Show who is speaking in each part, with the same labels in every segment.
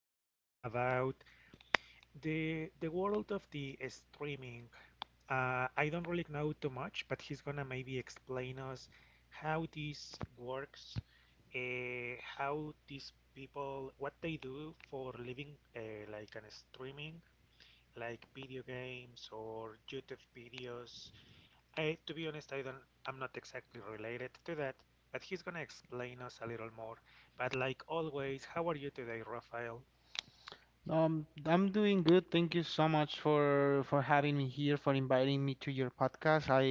Speaker 1: with us about the world of the streaming. I don't really know too much, but he's gonna maybe explain us how this works, how these people what they do for living, like an streaming, like video games or YouTube videos To be honest, I'm not exactly related to that, but he's gonna explain us a little more. But like always, how are you today, Rafael?
Speaker 2: I'm doing good. Thank you so much for having me here, for inviting me to your podcast. I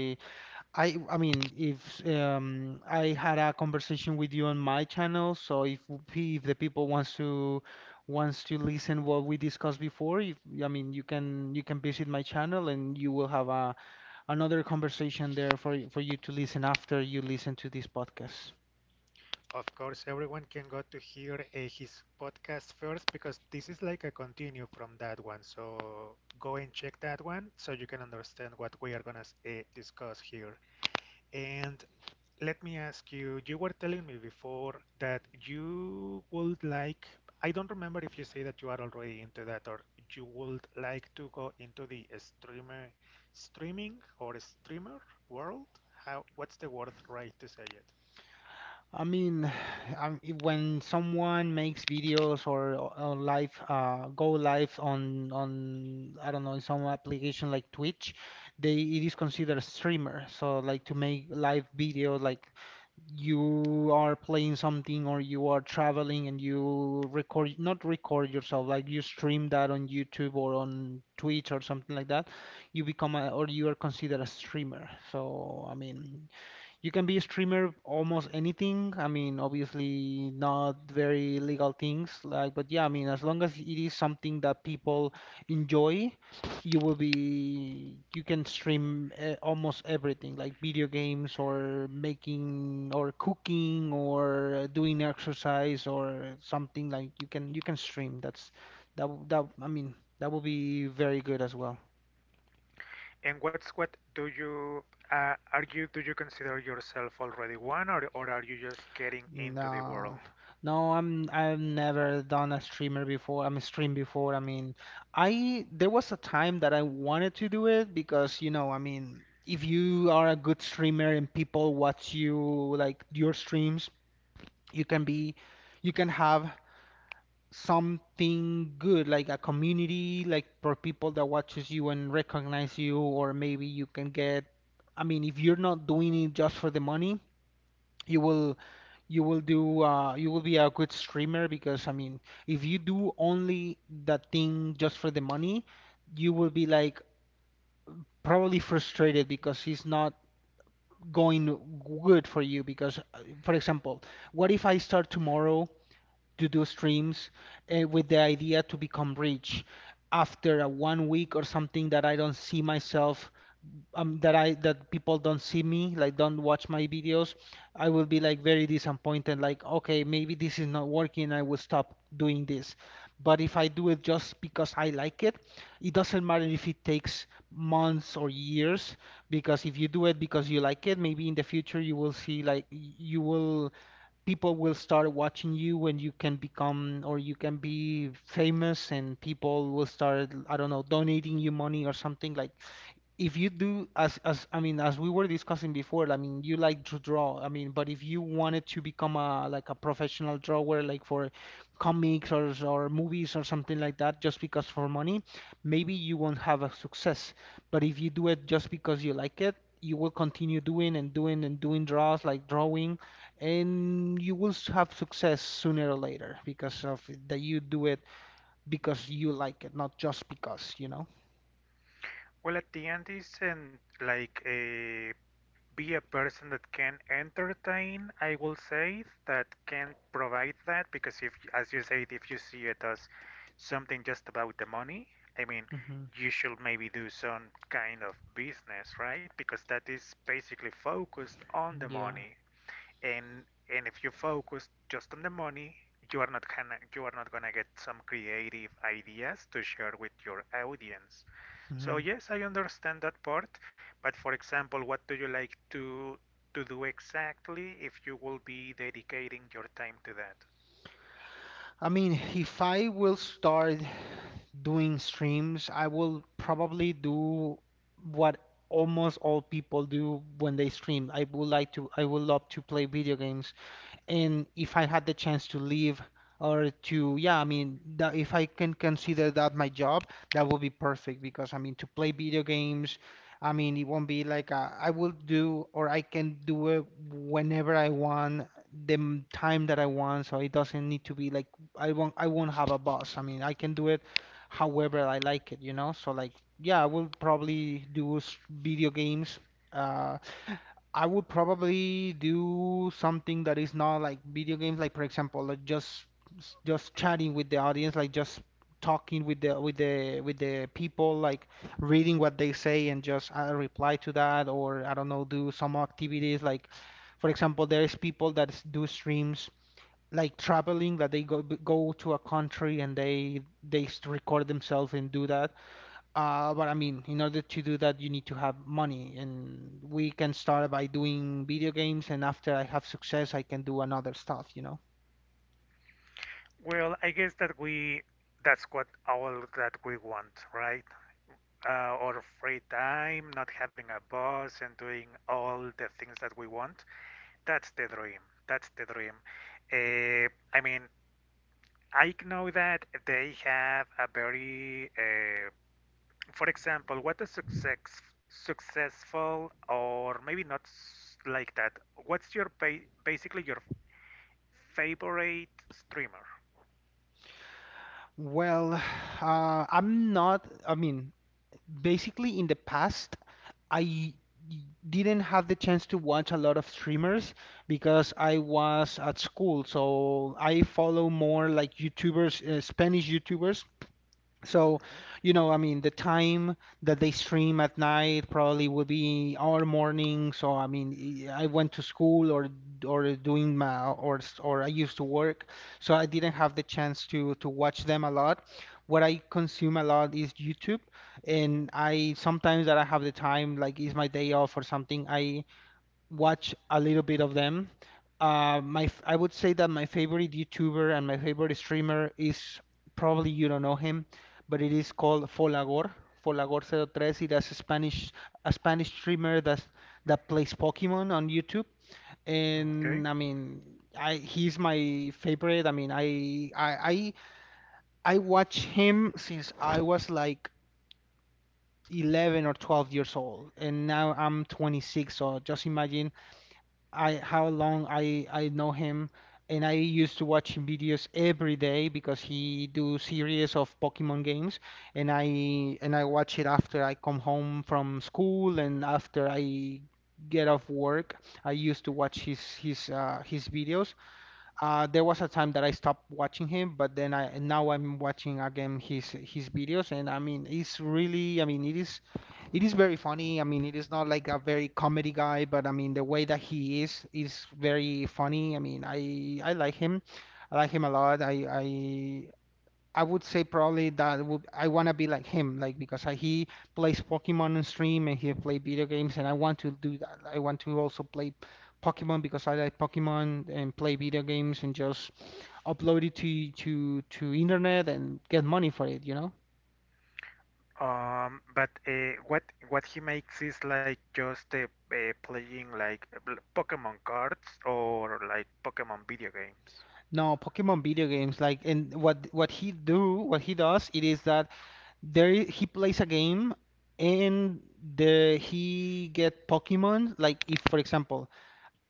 Speaker 2: I I mean, if I had a conversation with you on my channel, so if the people wants to listen what we discussed before, if, I mean, you can visit my channel and you will have a another conversation there for you to listen after you listen to this podcast.
Speaker 1: Of course, everyone can go to hear his podcast first because this is like a continue from that one. So go and check that one so you can understand what we are gonna discuss here. And let me ask you, you were telling me before that you would like, I don't remember if you say that you are already into that or you would like to go into the streaming or streamer world. What's the word right to say it?
Speaker 2: I mean, when someone makes videos or live, go live on I don't know, in some application like Twitch, they it is considered a streamer. So like to make live video, like you are playing something or you are traveling and you record, not record yourself, like you stream that on YouTube or on Twitch or something like that, you become a, or you are considered a streamer. So I mean, you can be a streamer almost anything. I mean, obviously not very legal things like, but yeah, I mean, as long as it is something that people enjoy, you will be you can stream almost everything like video games or making or cooking or doing exercise or something, like you can stream. That, I mean, that will be very good as well.
Speaker 1: And what do you are you do you consider yourself already one or are you just getting into the
Speaker 2: No,
Speaker 1: world?
Speaker 2: no, I've never done a streamer before. I'm a stream before. I mean, I there was a time that I wanted to do it, because you know, I mean, if you are a good streamer and people watch you, like your streams, you can be, you can have something good like a community, like for people that watches you and recognize you, or maybe you can get. I mean, if you're not doing it just for the money, you will you will do you will be a good streamer, because I mean, if you do only that thing just for the money, you will be like probably frustrated, because it's not going good for you. Because for example, what if I start tomorrow to do streams with the idea to become rich, after a one week or something that I don't see myself, that I that people don't see me, like don't watch my videos, I will be like very disappointed, like, okay, maybe this is not working, I will stop doing this. But if I do it just because I like it doesn't matter if it takes months or years, because if you do it because you like it, maybe in the future you will see, like y- you will people will start watching you, when you can become, or you can be famous and people will start, I don't know, donating you money or something. Like if you do, as I mean, as we were discussing before, I mean, you like to draw. I mean, but if you wanted to become a like a professional drawer, like for comics or movies or something like that, just because for money, maybe you won't have a success. But if you do it just because you like it, you will continue doing and doing and doing draws, like drawing, and you will have success sooner or later, because of that, you do it because you like it, not just because.
Speaker 1: Well, at the end, isn't like a be a person that can entertain I will say that can provide that because if as you said if you see it as something just about the money I mean
Speaker 2: Hmm.
Speaker 1: you should maybe do some kind of business, right? Because that is basically focused on the
Speaker 2: Yeah.
Speaker 1: money, and and if you focus just on the money you are not gonna get some creative ideas to share with your audience. So yes, I understand that part, but for example, what do you like to do exactly if you will be dedicating your time to that?
Speaker 2: I mean, if I will start doing streams, I will probably do what almost all people do when they stream. I would like to, I would love to play video games, and if I had the chance to leave, or to, yeah, I mean, that, if I can consider that my job, that would be perfect. Because I mean, to play video games, I mean, it won't be like, I will do, or I can do it whenever I want, the time that I want, so it doesn't need to be like, I won't have a boss. I mean, I can do it however I like it, you know? So like, yeah, I will probably do video games. Uh, I would probably do something that is not like video games, like for example, like just chatting with the audience, like just talking with the people, like reading what they say and just reply to that, or I don't know, do some activities. Like for example, there's people that do streams like traveling, that they go to a country and they record themselves and do that. But I mean, in order to do that, you need to have money, and we can start by doing video games, and after I have success, I can do another stuff, you know?
Speaker 1: Well, I guess that we that's what all that we want, right? Or free time, not having a boss and doing all the things that we want. That's the dream. That's the dream. Uh, I mean, I know that they have a very for example, what is successful or maybe not like that? What's your basically your favorite streamer?
Speaker 2: Well, I'm not, I mean, basically in the past, I didn't have the chance to watch a lot of streamers, because I was at school, so I follow more like YouTubers, Spanish YouTubers. So,
Speaker 1: Hmm.
Speaker 2: I mean, the time that they stream at night probably would be our morning. So, I mean, I went to school, or doing my, or I used to work, so I didn't have the chance to watch them a lot. What I consume a lot is YouTube, and I sometimes that I have the time, like it's my day off or something, I watch a little bit of them. I would say that my favorite YouTuber and my favorite streamer is, probably you don't know him, but it is called Folagor. Folagor03. He does a Spanish, a Spanish streamer that that plays Pokemon on YouTube.
Speaker 1: Okay.
Speaker 2: And I mean, I he's my favorite. I mean, I watch him since I was like 11 or 12 years old, and now I'm 26. So just imagine I how long I know him, and I used to watch him videos every day because he do series of Pokemon games, and I watch it after I come home from school and after I get off work. I used to watch his his videos. There was a time that I stopped watching him, but then I now I'm watching again his videos, and I mean, it's really, I mean, it is very funny. I mean, it is not like a very comedy guy, but I mean the way that he is very funny. I mean, I like him, I like him a lot. I would say probably that would, I want to be like him, like because he plays Pokemon on stream and he play video games, and I want to do that. I want to also play Pokemon, because I like Pokemon and play video games, and just upload it to internet and get money for it, you know?
Speaker 1: But what he makes is like just playing like Pokemon cards or like Pokemon video games?
Speaker 2: No, Pokemon video games. Like, and what he does, it is that he plays a game, and the he get Pokemon. Like, if for example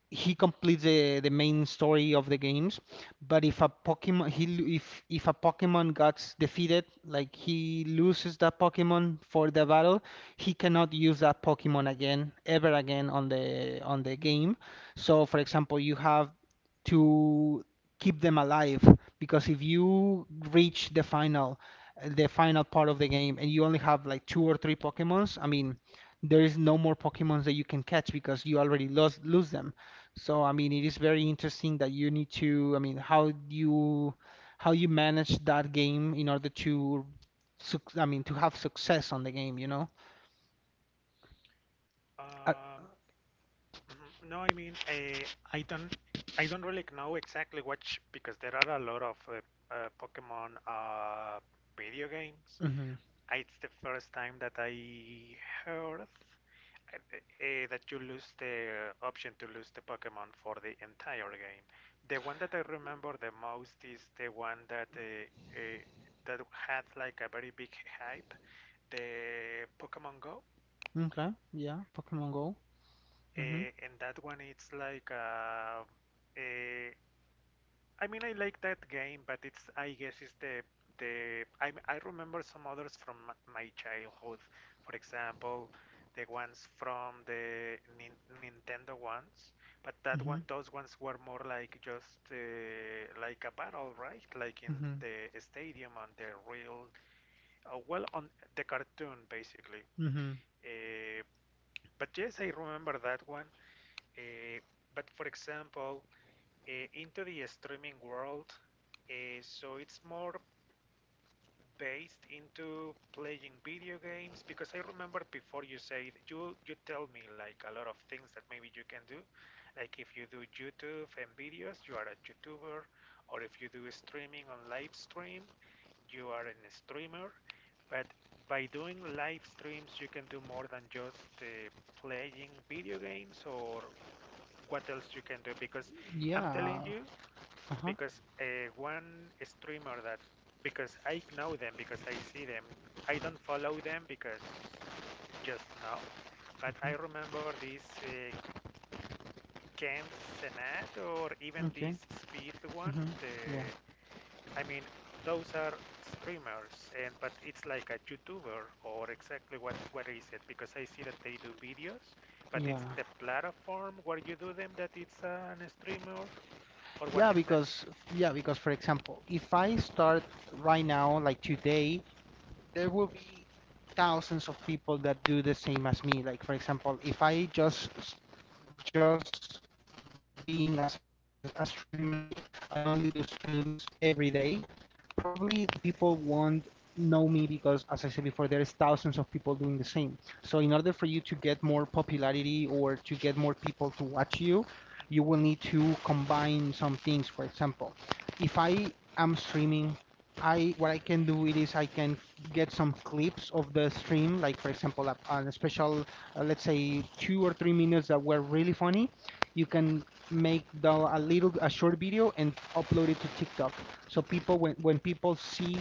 Speaker 2: he completes the main story of the games, but if a pokemon he lo- if a pokemon gets defeated, like he loses that pokemon for the battle, he cannot use that pokemon again, ever again, on the game. So for example, you have to keep them alive, because if you reach the final part of the game and you only have like two or three pokemons, I mean, there is no more pokemons that you can catch, because you already lost, lose them. So, I mean, it is very interesting that you need to, I mean, how you manage that game in order to, suc I mean, to have success on the game, you know? Uh,
Speaker 1: Mhm. No, I mean, I don't, I don't really know exactly which because there are a lot of Pokemon video games.
Speaker 2: mhm.
Speaker 1: It's the first time that I heard that you lose the option to lose the Pokemon for the entire game. The one that I remember the most is the one that uh, that had like a very big hype, the Pokemon Go,
Speaker 2: Okay, yeah, Pokemon Go.
Speaker 1: uh,
Speaker 2: Mhm.
Speaker 1: and that one it's like. Uh, I mean, I like that game, but it's I guess it's the I remember some others from my childhood. For example, the ones from the Nintendo ones, but that one
Speaker 2: Mhm.
Speaker 1: those ones were more like just like a battle, right? Like in
Speaker 2: Mhm.
Speaker 1: the stadium on the real, well, on the cartoon basically.
Speaker 2: Mhm.
Speaker 1: Uh, but yes, I remember that one. Uh, but for example into the streaming world. So it's more based into playing video games because I remember before you said you tell me like a lot of things that maybe you can do. Like if you do YouTube and videos, you are a YouTuber, or if you do streaming on live stream, you are a streamer. But by doing live streams, you can do more than just playing video games or what else you can do because I'm telling
Speaker 2: Yeah.
Speaker 1: you
Speaker 2: Uh-huh.
Speaker 1: because one streamer that because I know them because I see them. I don't follow them because just now, but
Speaker 2: Mhm.
Speaker 1: I remember this Kent Senat or even
Speaker 2: Okay.
Speaker 1: this Speed one.
Speaker 2: Mhm. Yeah.
Speaker 1: The I mean those are streamers and but it's like a YouTuber or exactly what is it because I see that they do videos but
Speaker 2: Yeah.
Speaker 1: it's the platform where you do them that it's an streamer or what
Speaker 2: Yeah,
Speaker 1: exactly
Speaker 2: because yeah, because for example, if I start right now, like today, there will be thousands of people that do the same as me. Like for example, if I just being as a streamer, like I only do streams every day, probably people won't know me, because as I said before, there is thousands of people doing the same. So in order for you to get more popularity, or to get more people to watch you, you will need to combine some things. For example, if I am streaming, I what I can do it is, I can get some clips of the stream, like for example, a special, let's say, 2 or 3 minutes that were really funny. You can make the, a little a short video and upload it to TikTok. So people when people see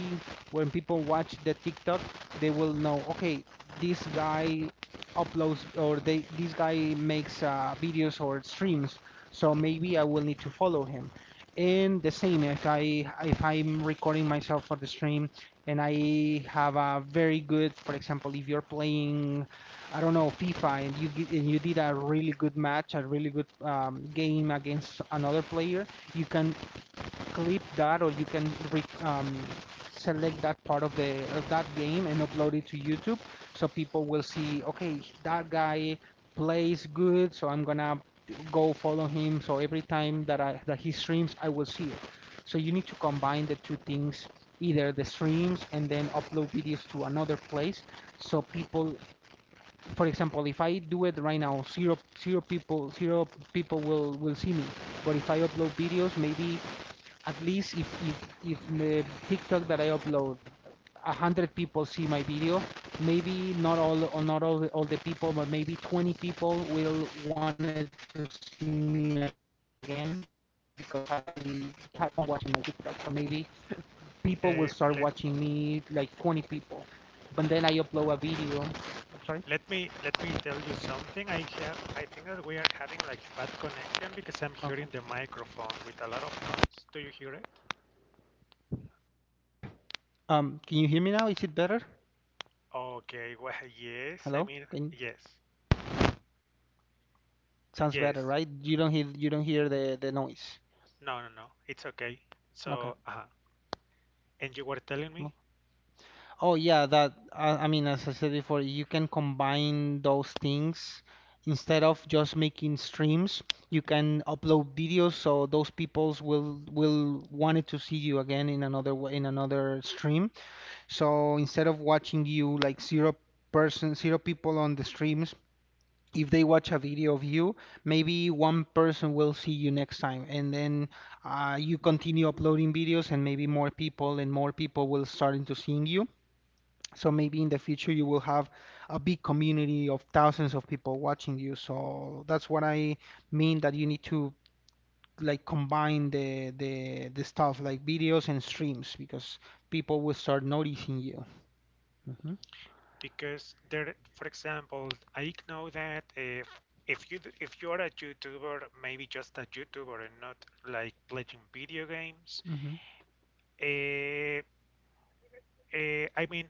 Speaker 2: when people watch the TikTok, they will know. Okay, this guy uploads, or they this guy makes videos or streams. So maybe I will need to follow him. And the same if I'm recording myself for the stream and I have a very good, for example, if you're playing, I don't know, FIFA, and you did a really good match, a really good game against another player. You can clip that, or you can um, select that part of the of that game and upload it to YouTube, so people will see, okay, that guy plays good, so I'm gonna go follow him, so every time that I that he streams I will see it. So you need to combine the two things, either the streams and then upload videos to another place. So people, for example, if I do it right now, zero people, zero people will see me. But if I upload videos, maybe at least if the TikTok that I upload, 100 people see my video, maybe not all, or not all the people, but maybe 20 people will wanted to see me again because I they had fun watching my TikTok. So maybe people will start watching me,
Speaker 1: uh,
Speaker 2: like 20
Speaker 1: le-
Speaker 2: people, but then I upload a video. Sorry.
Speaker 1: Let me tell you something. I have I think that we are having like bad connection
Speaker 2: Okay.
Speaker 1: because I'm hearing the microphone with a lot of noise. Do you hear it?
Speaker 2: Can you hear me now? Is it better?
Speaker 1: Okay, well, yes. I
Speaker 2: Hello?
Speaker 1: mean,
Speaker 2: Can,
Speaker 1: yes.
Speaker 2: sounds better,
Speaker 1: Yes.
Speaker 2: right? You don't hear the noise.
Speaker 1: No, no, no. It's okay. So,
Speaker 2: Okay.
Speaker 1: and you were telling me
Speaker 2: Oh yeah, that I mean, as I said before, you can combine those things instead of just making streams. You can upload videos, so those peoples will wanted to see you again in another stream. So instead of watching you like zero person, zero people on the streams, if they watch a video of you, maybe one person will see you next time, and then you continue uploading videos, and maybe more people and more people will start into seeing you. So maybe in the future you will have a big community of thousands of people watching you. So that's what I mean, that you need to like combine the stuff like videos and streams, because people will start noticing you. hmm
Speaker 1: because there, for example, I know that if you if you're a YouTuber, maybe just a YouTuber and not like playing video games,
Speaker 2: hmm.
Speaker 1: uh, I mean,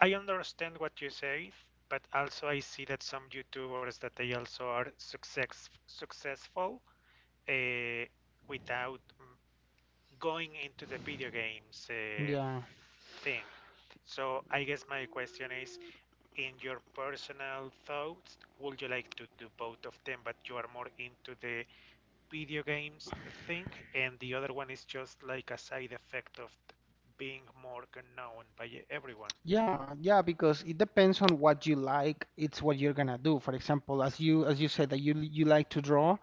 Speaker 1: I understand what you say, but also I see that some YouTubers that they also are successful uh, without going into the video games
Speaker 2: Yeah.
Speaker 1: thing. So I guess my question is, in your personal thoughts, would you like to do both of them, but you are more into the video games thing, and the other one is just like a side effect of being more known by everyone?
Speaker 2: Yeah, yeah, because it depends on what you like. It's what you're gonna do. For example, as you said that you like to draw,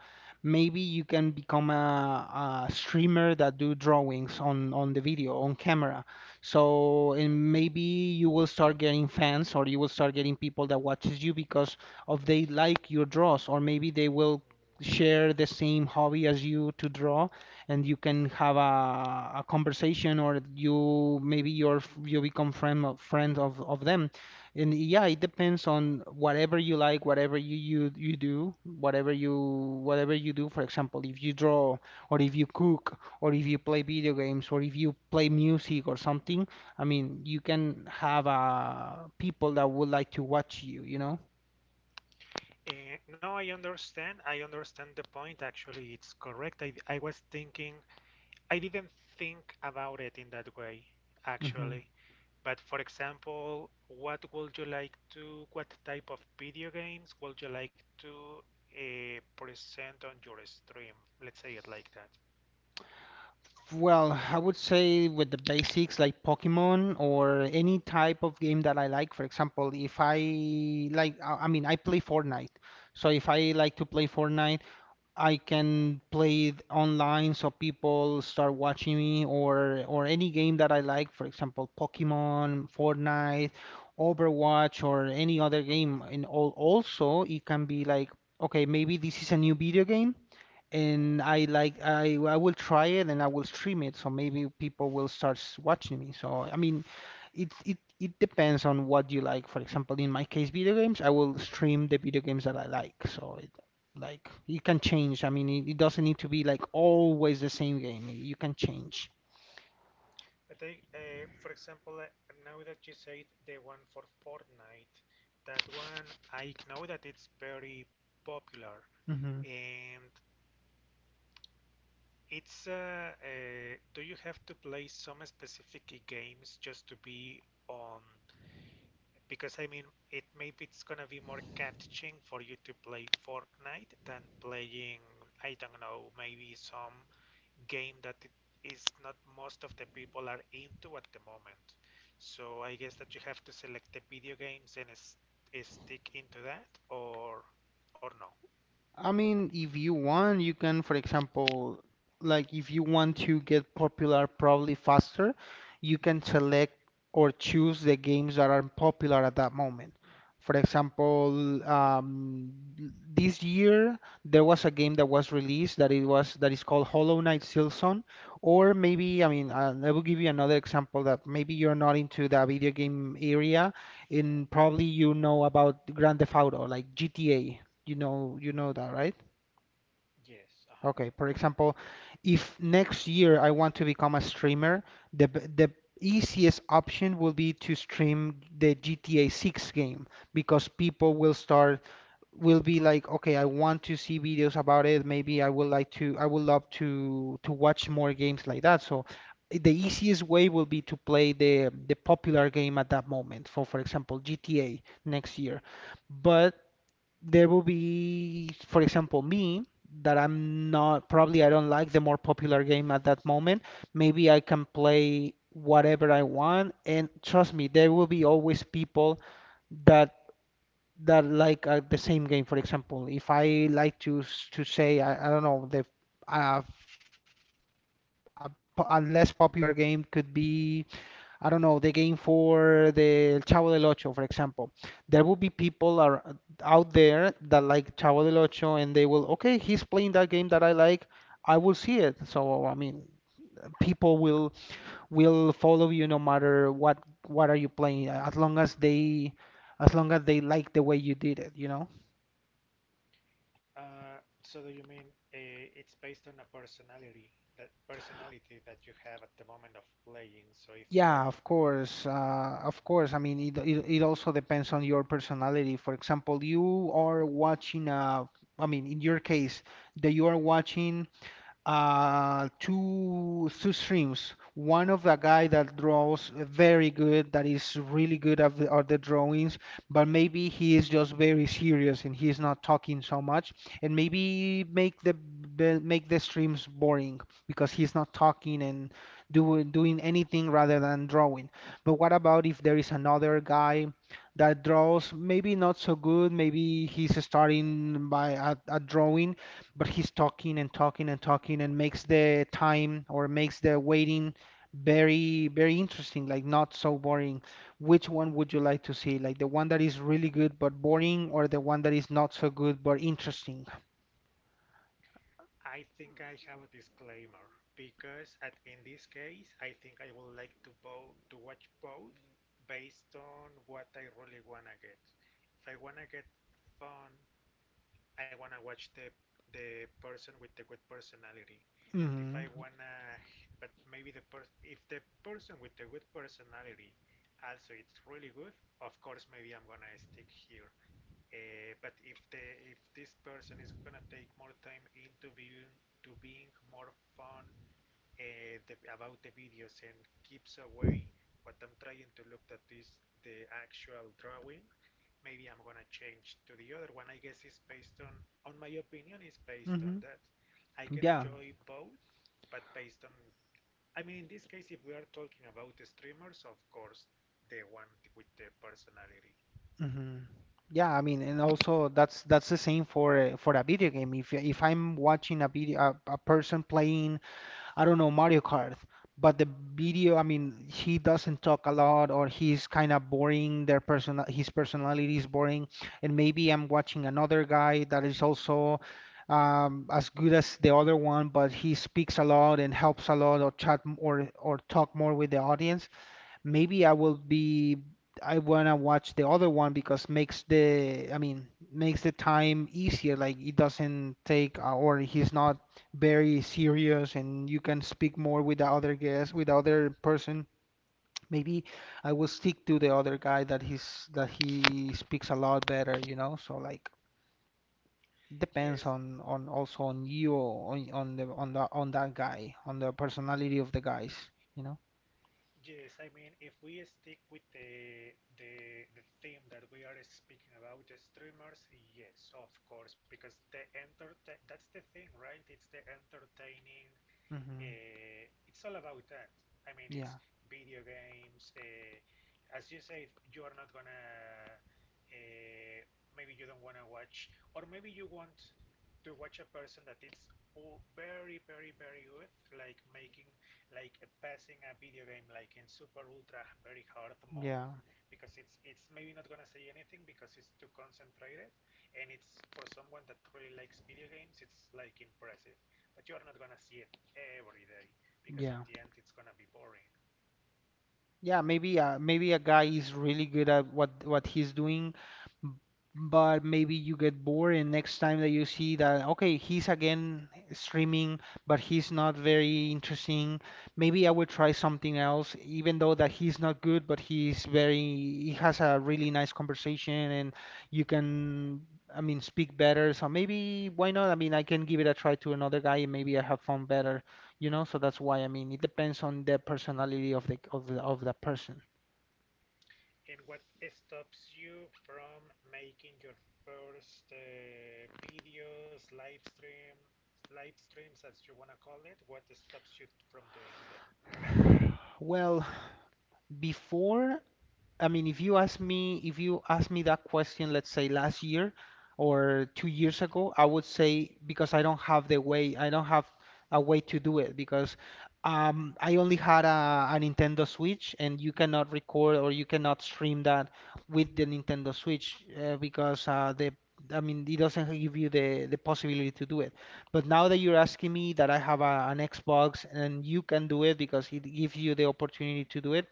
Speaker 2: maybe you can become a streamer that do drawings on the video on camera. So and maybe you will start getting fans, or you will start getting people that watches you because of they like your draws, or maybe they will
Speaker 1: Mhm.
Speaker 2: share the same hobby as you to draw. And you can have a conversation, or you maybe you become friend of them. And yeah, it depends on whatever you like, whatever you do, whatever you do. For example, if you draw, or if you cook, or if you play video games, or if you play music or something. I mean, you can have people that would like to watch you, you know.
Speaker 1: Eh, no, I understand. I understand the point. Actually, it's correct. I was thinking, I didn't think about it in that way,
Speaker 2: Hmm.
Speaker 1: actually. But for example, what would you like to, what type of video games would you like to present on your stream? Let's say it like that.
Speaker 2: Well, I would say with the basics like Pokemon or any type of game that I like. For example, if I like, I play Fortnite. So if I like to play Fortnite, I can play it online so people start watching me, or any game that I like. For example, Pokemon, Fortnite, Overwatch, or any other game. And also, it can be like, okay, maybe this is a new video game, and I like I will try it and I will stream it, so maybe people will start watching me. So I mean, it depends on what you like. For example, in my case, video games, I will stream the video games that I like. So it like it can change. I mean, it doesn't need to be like always the same game. You can change.
Speaker 1: But I, for example, now that you said the one for Fortnite, that one I know that it's very popular.
Speaker 2: Hmm.
Speaker 1: And it's do you have to play some specific games just to be on? Because I mean, it maybe it's gonna be more catching for you to play Fortnite than playing, I don't know, maybe some game that is not most of the people are into at the moment. So I guess that you have to select the video games and stick into that, or no.
Speaker 2: I mean, if you want, you can, for example, like if you want to get popular probably faster, you can select or choose the games that are popular at that moment. For example, this year there was a game that was released that it was that is called Hollow Knight Silson, or maybe I will give you another example that maybe you're not into the video game area, and probably you know about Grand Theft Auto, like GTA. You know that, right?
Speaker 1: Yes, uh-huh.
Speaker 2: Okay. For example, if next year I want to become a streamer, the easiest option will be to stream the GTA 6 game, because people will start will be like, okay, I want to see videos about it. Maybe I would love to watch more games like that. So the easiest way will be to play the popular game at that moment. For example, GTA next year. But there will be, for example, me that I'm not probably I don't like the more popular game at that moment. Maybe I can play whatever I want, and trust me, there will be always people that that like the same game. For example, if I like to say I don't know the uh, a, a less popular game could be, I don't know, the game for the Chavo del Ocho, for example. There will be people are out there that like Chavo del Ocho, and they will, okay, he's playing that game that I like, I will see it. So, I mean, people will follow you no matter what are you playing, as long as they as long as they like the way you did it, you know?
Speaker 1: So do you mean it's based on a personality that you have at the moment of playing? So if you're,
Speaker 2: Yeah, of course. Of course. I mean, it also depends on your personality. For example, you are watching, a. I mean, in your case, that you are watching two streams. One of a guy that draws very good, that is really good at the drawings, but maybe he is just very serious and he's not talking so much, and maybe make the make the streams boring, because he's not talking and doing anything rather than drawing. But what about if there is another guy that draws maybe not so good, maybe he's starting by at drawing? But he's talking and talking and talking and makes the time, or makes the waiting very very interesting, like not so boring. Which one would you like to see, like the one that is really good but boring, or the one that is not so good but interesting?
Speaker 1: I think I have a disclaimer because at in this case, I think I would like to both to watch both based on what I really wanna get. If I wanna get fun I wanna watch the person with the good personality. But if
Speaker 2: hmm
Speaker 1: I wanna, but maybe the person, if the person with the good personality also it's really good, of course maybe I'm gonna stick here. But if the if this person is gonna take more time into being more fun the, about the videos and keeps away what I'm trying to look at is the actual drawing. Maybe I'm gonna change to the other one. I guess it's based on my opinion, it's based on
Speaker 2: hmm
Speaker 1: that. I can
Speaker 2: Yeah.
Speaker 1: enjoy both, but based on, I mean, in this case, if we are talking about the streamers, of course, the one with the personality.
Speaker 2: Hmm. Yeah, I mean, and also that's the same for for a video game. If I'm watching a video, a person playing, I don't know, Mario Kart. But the video, I mean, he doesn't talk a lot, or he's kind of boring. Their personal, his personality is boring. And maybe I'm watching another guy that is also as good as the other one, but he speaks a lot and helps a lot, or or talk more with the audience. Maybe I will be I wanna watch the other one, because makes the makes the time easier. Like it doesn't take or he's not very serious, and you can speak more with the other guest, with the other person. Maybe I will stick to the other guy that he speaks a lot better, you know? So like depends
Speaker 1: Yes,
Speaker 2: on also on you on the on that guy on the personality of the guys, you know?
Speaker 1: yes, I mean, if we stick with the theme that we are speaking about, the streamers, yes, of course, because the enter that's the thing, right? It's the entertaining.
Speaker 2: Hmm.
Speaker 1: It's all about that. I mean,
Speaker 2: Yeah,
Speaker 1: it's video games. As you say, you are not gonna. Uh, Maybe you don't wanna watch, or maybe you want to watch a person that is all very, very, very good, like making, like passing a video game like in super ultra very hard mode,
Speaker 2: yeah,
Speaker 1: because it's maybe not gonna say anything because it's too concentrated, and it's for someone that really likes video games, it's like impressive, but you are not gonna see it every day because at
Speaker 2: yeah.
Speaker 1: the end it's gonna be boring.
Speaker 2: Yeah, maybe maybe a guy is really good at what he's doing, m- but maybe you get bored, and next time that you see that okay, he's again streaming, but he's not very interesting. Maybe I will try something else, even though that he's not good, but he's very he has a really nice conversation and you can speak better. So maybe why not? I mean, I can give it a try to another guy, and maybe I have fun better, you know. So that's why I mean, it depends on the personality of the person.
Speaker 1: And what stops you from making your first live streams as you wanna call it? What stops you from doing them?
Speaker 2: Well, before, I mean, if you ask me that question, let's say last year or 2 years ago, I would say because I don't have a way to do it because I only had a Nintendo Switch, and you cannot record or you cannot stream that with the Nintendo Switch because it doesn't give you the possibility to do it. But now that you're asking me that I have an Xbox and you can do it because it gives you the opportunity to do it,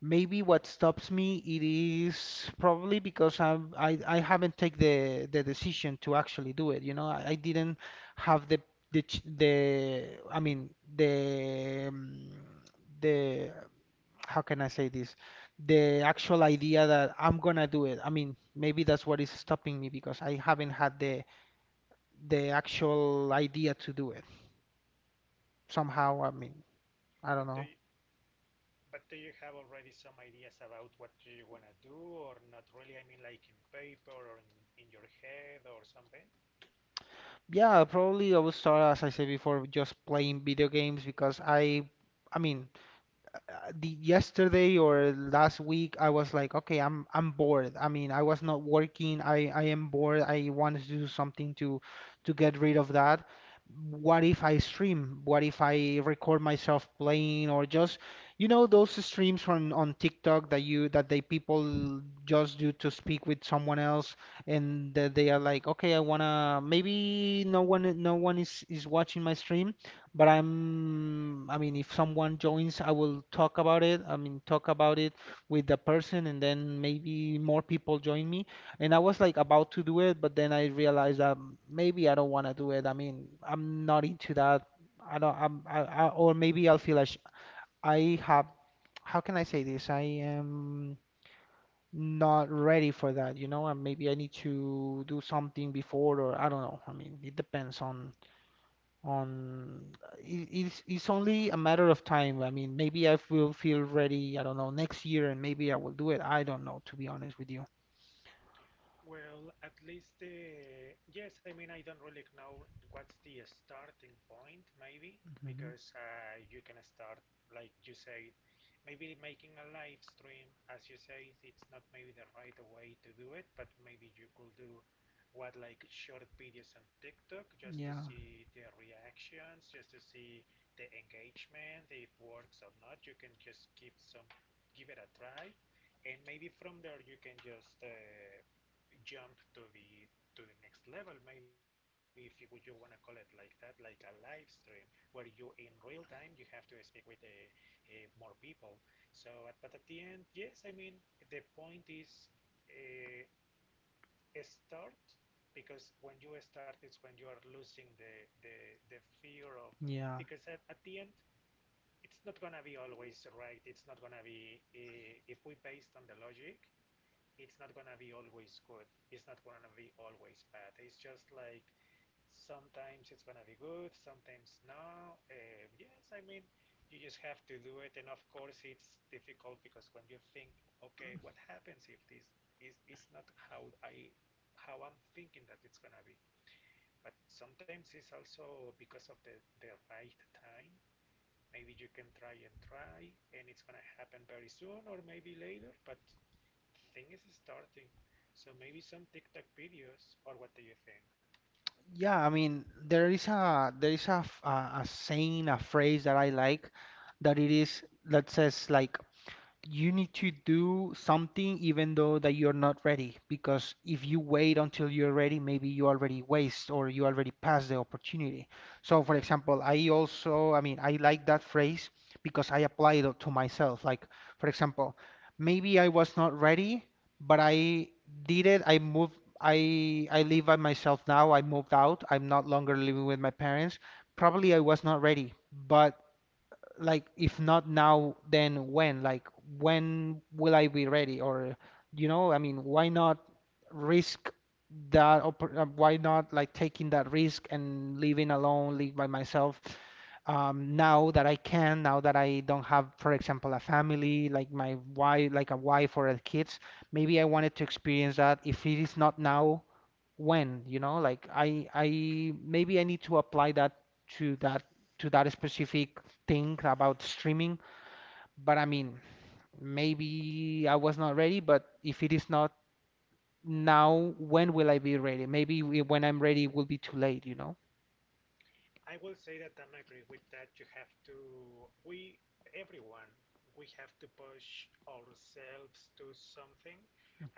Speaker 2: maybe what stops me it is probably because I haven't taken the decision to actually do it. You know, I didn't have the the ch- the I mean the um, the how can I say this? The actual idea that I'm gonna do it. I mean, maybe that's what is
Speaker 1: Mm-hmm.
Speaker 2: stopping me because I haven't had the actual idea to do it. Somehow, I mean, I
Speaker 1: But
Speaker 2: don't
Speaker 1: do
Speaker 2: know.
Speaker 1: you, but do you have already some ideas about what do you wanna do or not really? I mean, like in paper or in your head or something.
Speaker 2: Yeah, probably I will start, as I said before, with just playing video games because I mean, the yesterday or last week I was like, okay, I'm bored. I mean, I was not working. I am bored. I want to do something to get rid of that. What if I stream? What if I record myself playing or just you know those streams on TikTok that you that they people just do to speak with someone else, and that they are like, okay, I wanna maybe no one is watching my stream. But if someone joins, I will talk about it. I mean, talk about it with the person, and then maybe more people join me. And I was like about to do it, but then I realized that maybe I don't want to do it. I mean, I'm not into that. I don't, I'm, I, or maybe I'll feel like I have, how can I say this? I am not ready for
Speaker 1: Mm.
Speaker 2: that, you know, and maybe I need to do something before, or I don't know. I mean, it depends on on it's
Speaker 1: Uh-huh.
Speaker 2: only a matter of time. I mean, maybe I will feel ready, I don't know, next year and maybe I will do it. I don't know, to be honest with you.
Speaker 1: Well, at least the yes, I mean I don't really know what's the starting point maybe
Speaker 2: Mhm.
Speaker 1: because you can start like you say maybe making a live stream as you say it's not maybe the right way to do it but maybe you could do what like short videos on TikTok just to
Speaker 2: Yeah.
Speaker 1: see the reactions just to see the engagement if works or not. You can just give it a try and maybe from there you can just jump to the next level, maybe if you, you want to call it like that, like a live stream, where you in real time you have to speak with more people. So, at, but at the end, yes, I mean the point is uh, start because when you start, it's when you are losing the the the fear of
Speaker 2: Yeah.
Speaker 1: because at the end. It's not gonna be always right. It's not gonna be if we based on the logic, it's not gonna be always good. It's not gonna be always bad. It's just like sometimes it's gonna be good, sometimes no. Yes, I mean, you just have to do it. And of course, it's difficult because when you think, okay, what happens if this is not how I how I'm thinking that it's gonna be? But sometimes it's also because of the right time. Maybe you can try and try, and it's gonna happen very soon or maybe later. But thing is starting. So maybe some TikTok videos, or what do you think?
Speaker 2: Yeah, I mean, there is a saying, a phrase that I like that it is that says like you need to do something even though that you're not ready because if you wait until you're ready maybe you already waste or you already pass the opportunity. So for example I like that phrase because I applied it to myself, like for example maybe I was not ready, but I did it. I moved. I live by myself now. I moved out. I'm not longer living with my parents. Probably I was not ready, but like if not now, then when? Like when will I be ready? Or you know, I mean, why not risk that? Why not like taking that risk and living alone, live by myself? Now that I can, now that I don't have, for example, a family, like my wife, like a wife or a kids, maybe I wanted to experience that. If it is not now when, you know, like I maybe I need to apply that to that to that specific thing about streaming, but I mean, maybe I was not ready, but if it is not now, when will I be ready? Maybe when I'm ready it will be too late, you know?
Speaker 1: I will say that I'm agree with that. You have to, we, everyone, we have to push ourselves to something.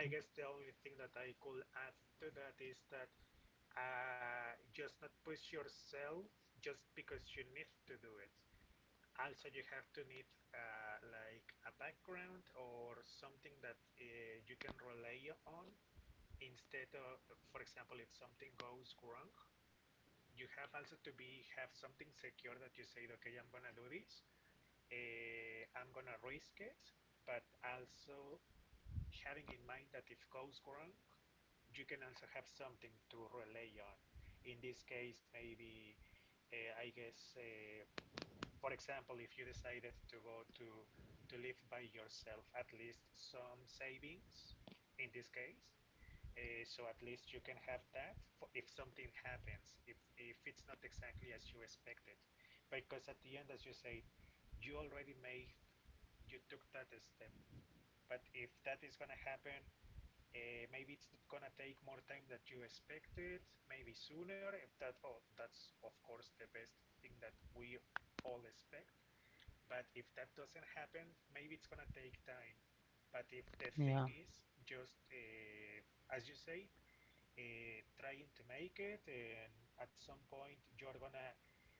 Speaker 1: I guess the only thing that I could add to that is that just not push yourself just because you need to do it. Also, you have to need like a background or something that you can rely on instead of, for example, if something goes wrong, you have also to be have something secure that you say, okay, I'm gonna do this, I'm gonna risk it, but also having in mind that if goes wrong, you can also have something to rely on. In this case maybe, I guess, for example, if you decided to go to live by yourself, at least some savings in this case. So at least you can have that for if something happens, if it's not exactly as you expected, because at the end, as you say, you already made, you took that step. But if that is gonna happen, maybe it's gonna take more time than you expected, maybe sooner. If that, oh, that's of course the best thing that we all expect. But if that doesn't happen, maybe it's gonna take time. But if the
Speaker 2: Yeah.
Speaker 1: thing is just, as you say, trying to make it, and at some point you're gonna,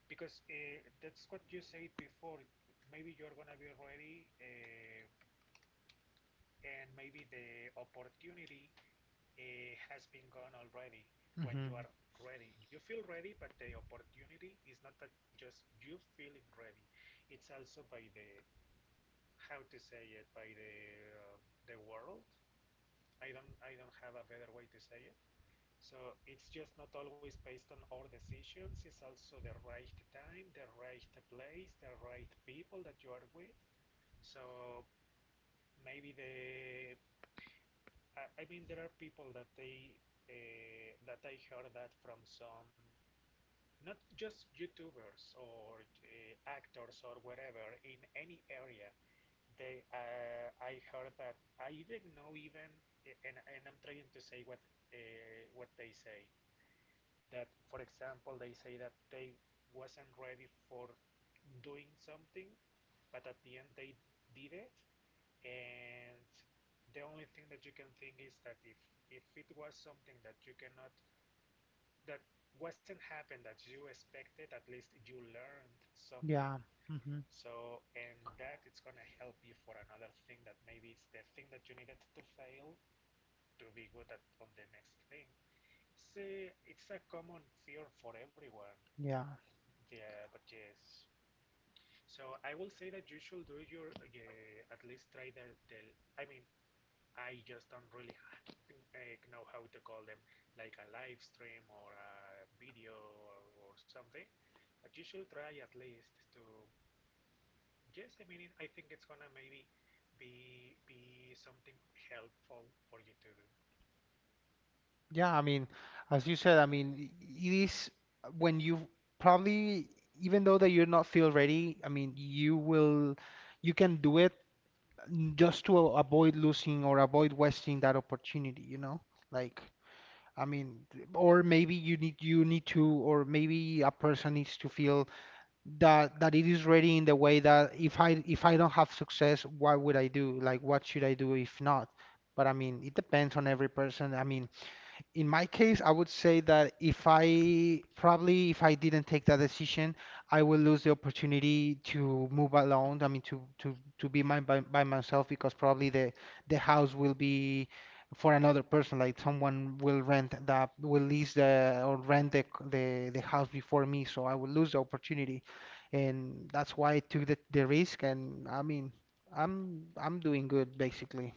Speaker 1: because that's what you said before, maybe you're gonna be ready, and maybe the opportunity has been gone already when you
Speaker 2: Hmm.
Speaker 1: are ready. You feel ready, but the opportunity is not that just you feeling ready. It's also by the how to say it, by uh, the world. I don't have a better way to say it. So it's just not always based on our decisions. It's also the right time, the right place, the right people that you are with. So maybe the I mean there are people that they that I heard that from some, not just YouTubers or actors or whatever in any area. They I heard that I didn't know even, and I'm trying to say what they say, that for example they say that they wasn't ready for doing something, but at the end they did it. And the only thing that you can think is that if it was something that you cannot, that wasn't happened that you expected, at least you learned something.
Speaker 2: Yeah. Hmm.
Speaker 1: So and that it's gonna help you for another thing, that maybe it's the thing that you needed to fail to be good at on the next thing. It's a common fear for everyone.
Speaker 2: Yeah.
Speaker 1: Yeah, but yes. So I will say that you should do your, yeah, at least try the, I mean, I just don't really ha- like, know how to call them, like a live stream or a video or something. But you should try at least to, yes, I mean, it, I think it's gonna maybe be something helpful for you to do.
Speaker 2: Yeah, I mean, as you said, I mean, it is when you probably, even though that you're not feel ready, I mean, you will, you can do it just to avoid losing or avoid wasting that opportunity, you know? Like, I mean, or maybe you need to, or maybe a person needs to feel that it is ready in the way that if I don't have success, what would I do? Like, what should I do if not? But I mean, it depends on every person. I mean, in my case, I would say that if I probably if I didn't take that decision, I will lose the opportunity to move alone. I mean, to be my, by myself because probably the house will be for another person. Like someone will rent that will lease the or rent the the house before me, so I will lose the opportunity, and that's why I took the risk. And I mean, I'm doing good basically.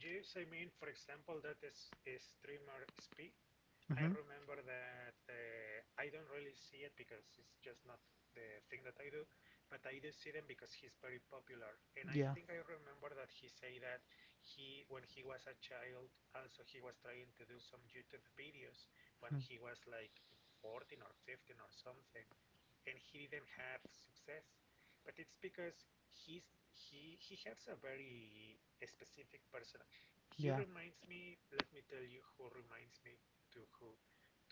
Speaker 1: Yes, I mean, for example, that is streamer speak. I
Speaker 2: Hmm.
Speaker 1: remember that, I don't really see it because it's just not the thing that I do, but I do see them because he's very popular. And I
Speaker 2: Yeah.
Speaker 1: think I remember that he say that he, when he was a child, also he was trying to do some YouTube videos when
Speaker 2: Mm.
Speaker 1: he was like 14 or 15 or something, and he didn't have success. But it's because he's he has a very specific person. He
Speaker 2: Yeah.
Speaker 1: reminds me. Let me tell you who reminds me to who.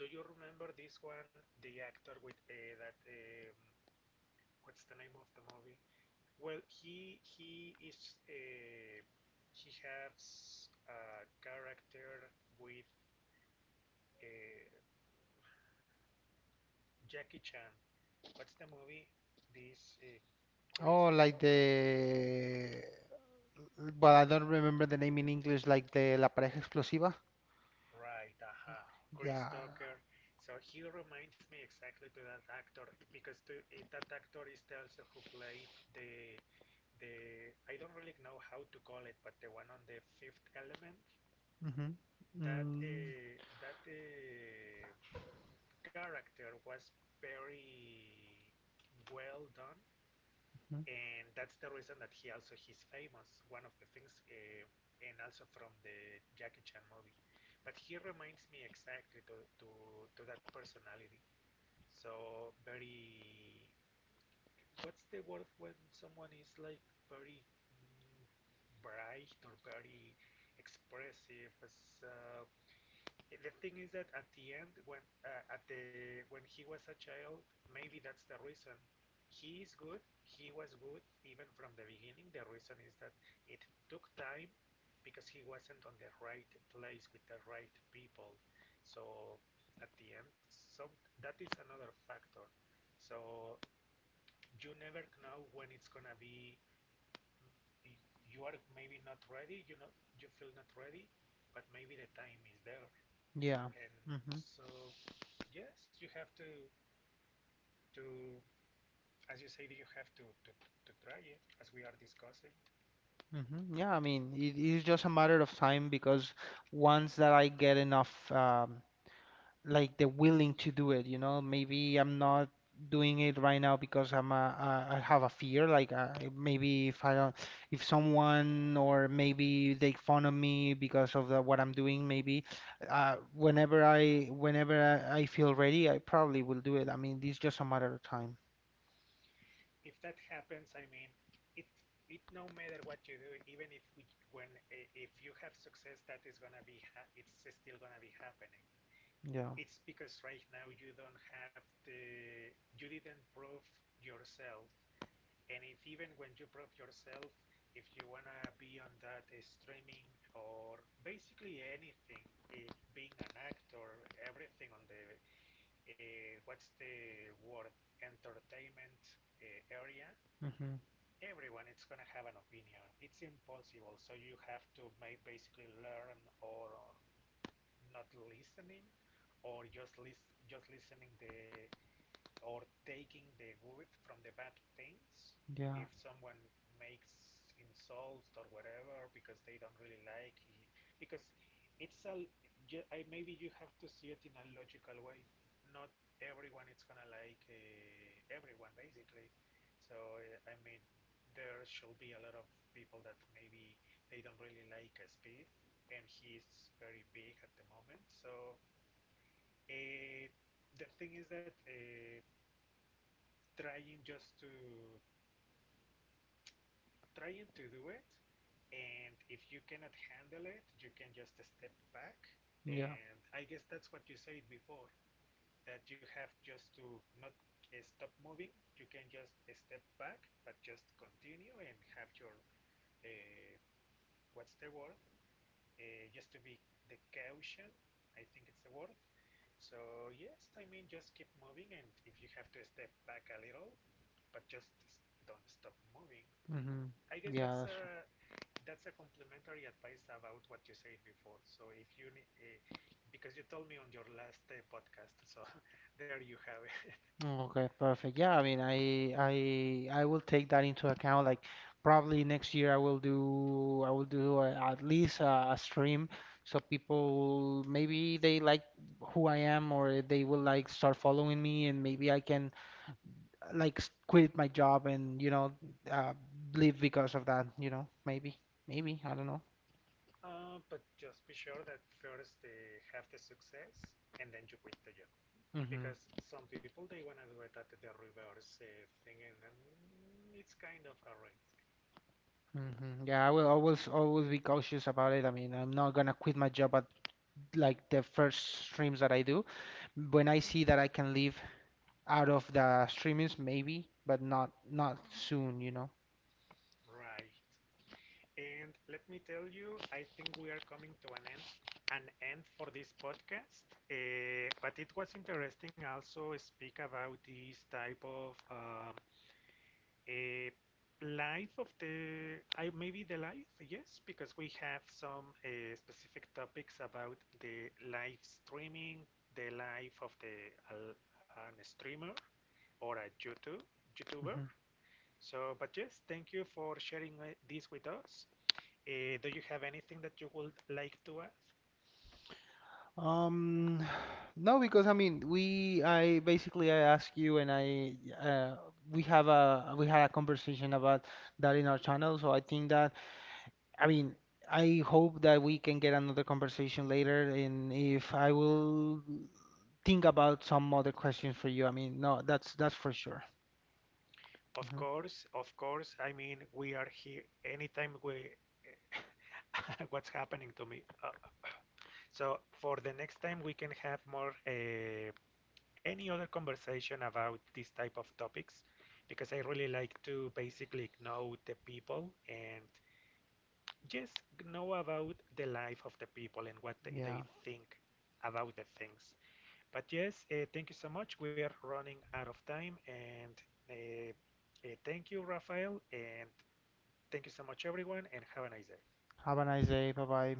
Speaker 1: Do you remember this one? The actor with that. What's the name of the movie? Well, he is, he has a character with uh, Jackie Chan. What's the movie? This, Chris
Speaker 2: Oh, like
Speaker 1: Tucker.
Speaker 2: the. But I don't remember the name in English, like the La Pareja Explosiva.
Speaker 1: Right, uh,
Speaker 2: Yeah.
Speaker 1: Chris Tucker. So he reminds me exactly to that actor because to, that actor is the also who played the, I don't really know how to call it, but the one on the Fifth Element.
Speaker 2: Mm-hmm.
Speaker 1: That
Speaker 2: Mm-hmm.
Speaker 1: that character was very well done, and that's the reason that he also he's famous. One of the things, and also from the Jackie Chan movie, but he reminds me exactly to, to that personality. So very, what's the word when someone is like very, mm, bright or very expressive? As the thing is that at the end, when at the when he was a child, maybe that's the reason. He is good. He was good even from the beginning. The reason is that it took time because he wasn't on the right place with the right people. So at the end, so that is another factor. So you never know when it's gonna be. You are maybe not ready. You know, you feel not ready, but maybe the time is there.
Speaker 2: Yeah.
Speaker 1: And
Speaker 2: Mm-hmm.
Speaker 1: so, yes, you have to as you say, you have to try it as we are discussing.
Speaker 2: Mm-hmm. Yeah, I mean, it is just a matter of time because once that I get enough like the willing to do it, you know? Maybe I'm not doing it right now because I have a fear, like maybe if I don't, if someone or maybe they fun of me because of the, what I'm doing, maybe whenever I feel ready, I probably will do it. I mean, it's just a matter of time.
Speaker 1: If that happens, I mean, it it no matter what you do, even if we, when eh, if you have success, that is gonna be ha- it's still gonna be happening.
Speaker 2: Yeah.
Speaker 1: It's because right now you don't have the, you didn't prove yourself. And if even when you prove yourself, if you wanna be on that streaming or basically anything, if being an actor, everything on the, what's the word, entertainment area,
Speaker 2: Hmm.
Speaker 1: everyone it's gonna have an opinion. It's impossible, so you have to make basically learn or not listening, or just listening the or taking the good from the bad things
Speaker 2: Yeah.
Speaker 1: if someone makes insults or whatever because they don't really like it, because it's a, I maybe you have to see it in a logical way, not everyone is gonna like everyone basically. So I mean there should be a lot of people that maybe they don't really like Spieth, and he's very big at the moment. So uh, the thing is that trying just to trying to do it, and if you cannot handle it you can just step back.
Speaker 2: Yeah.
Speaker 1: And I guess that's what you said before, that you have just to not stop moving. You can just step back but just continue and have your uh, what's the word, just to be the caution, I think it's the word. So yes, I mean, just keep moving, and if you have to step back a little, but just don't stop moving.
Speaker 2: Hmm.
Speaker 1: I guess
Speaker 2: Yeah, that's
Speaker 1: that's a complimentary advice about what you said before. So if you ne- eh, because you told me on your last podcast, so there you have it.
Speaker 2: Okay, perfect. Yeah, I mean, I I will take that into account. Like probably next year I will do a, at least a stream so people maybe they like who I am or they will like start following me and maybe I can quit my job and you know uh, live because of that, you know, maybe. Maybe, I don't know.
Speaker 1: But just be sure that first they have the success and then you quit the job.
Speaker 2: Mm-hmm.
Speaker 1: Because some people they wanna do it at the reverse thing, and it's kind of a risk,
Speaker 2: Mm-hmm. Yeah, I will always be cautious about it. I mean, I'm not gonna quit my job at like the first streams that I do. When I see that I can live out of the streamings, maybe, but not soon, you know.
Speaker 1: right? And let me tell you, I think we are coming to an end for this podcast. But it was interesting also speak about this type of, a life of the, I maybe the life, yes, because we have some specific topics about the live streaming, the life of the al- an streamer or a YouTube YouTuber.
Speaker 2: Mhm.
Speaker 1: So, but yes, thank you for sharing this with us. Do you have anything that you would like to add?
Speaker 2: Um, no, because I mean, we I basically I ask you and I uh, we have a we had a conversation about that in our channel, so I think that I mean. I hope that we can get another conversation later, and if I will think about some other questions for you, I mean, no, that's for sure.
Speaker 1: Of
Speaker 2: Hmm.
Speaker 1: course, of course. I mean, we are here anytime we what's happening to me. So for the next time, we can have more any other conversation about this type of topics, because I really like to basically know the people and just know about the life of the people and what
Speaker 2: Yeah.
Speaker 1: they think about the things. But yes, thank you so much. We are running out of time, and uh, thank you, Rafael, and thank you so much, everyone, and have a nice day.
Speaker 2: Have a nice day. Bye bye.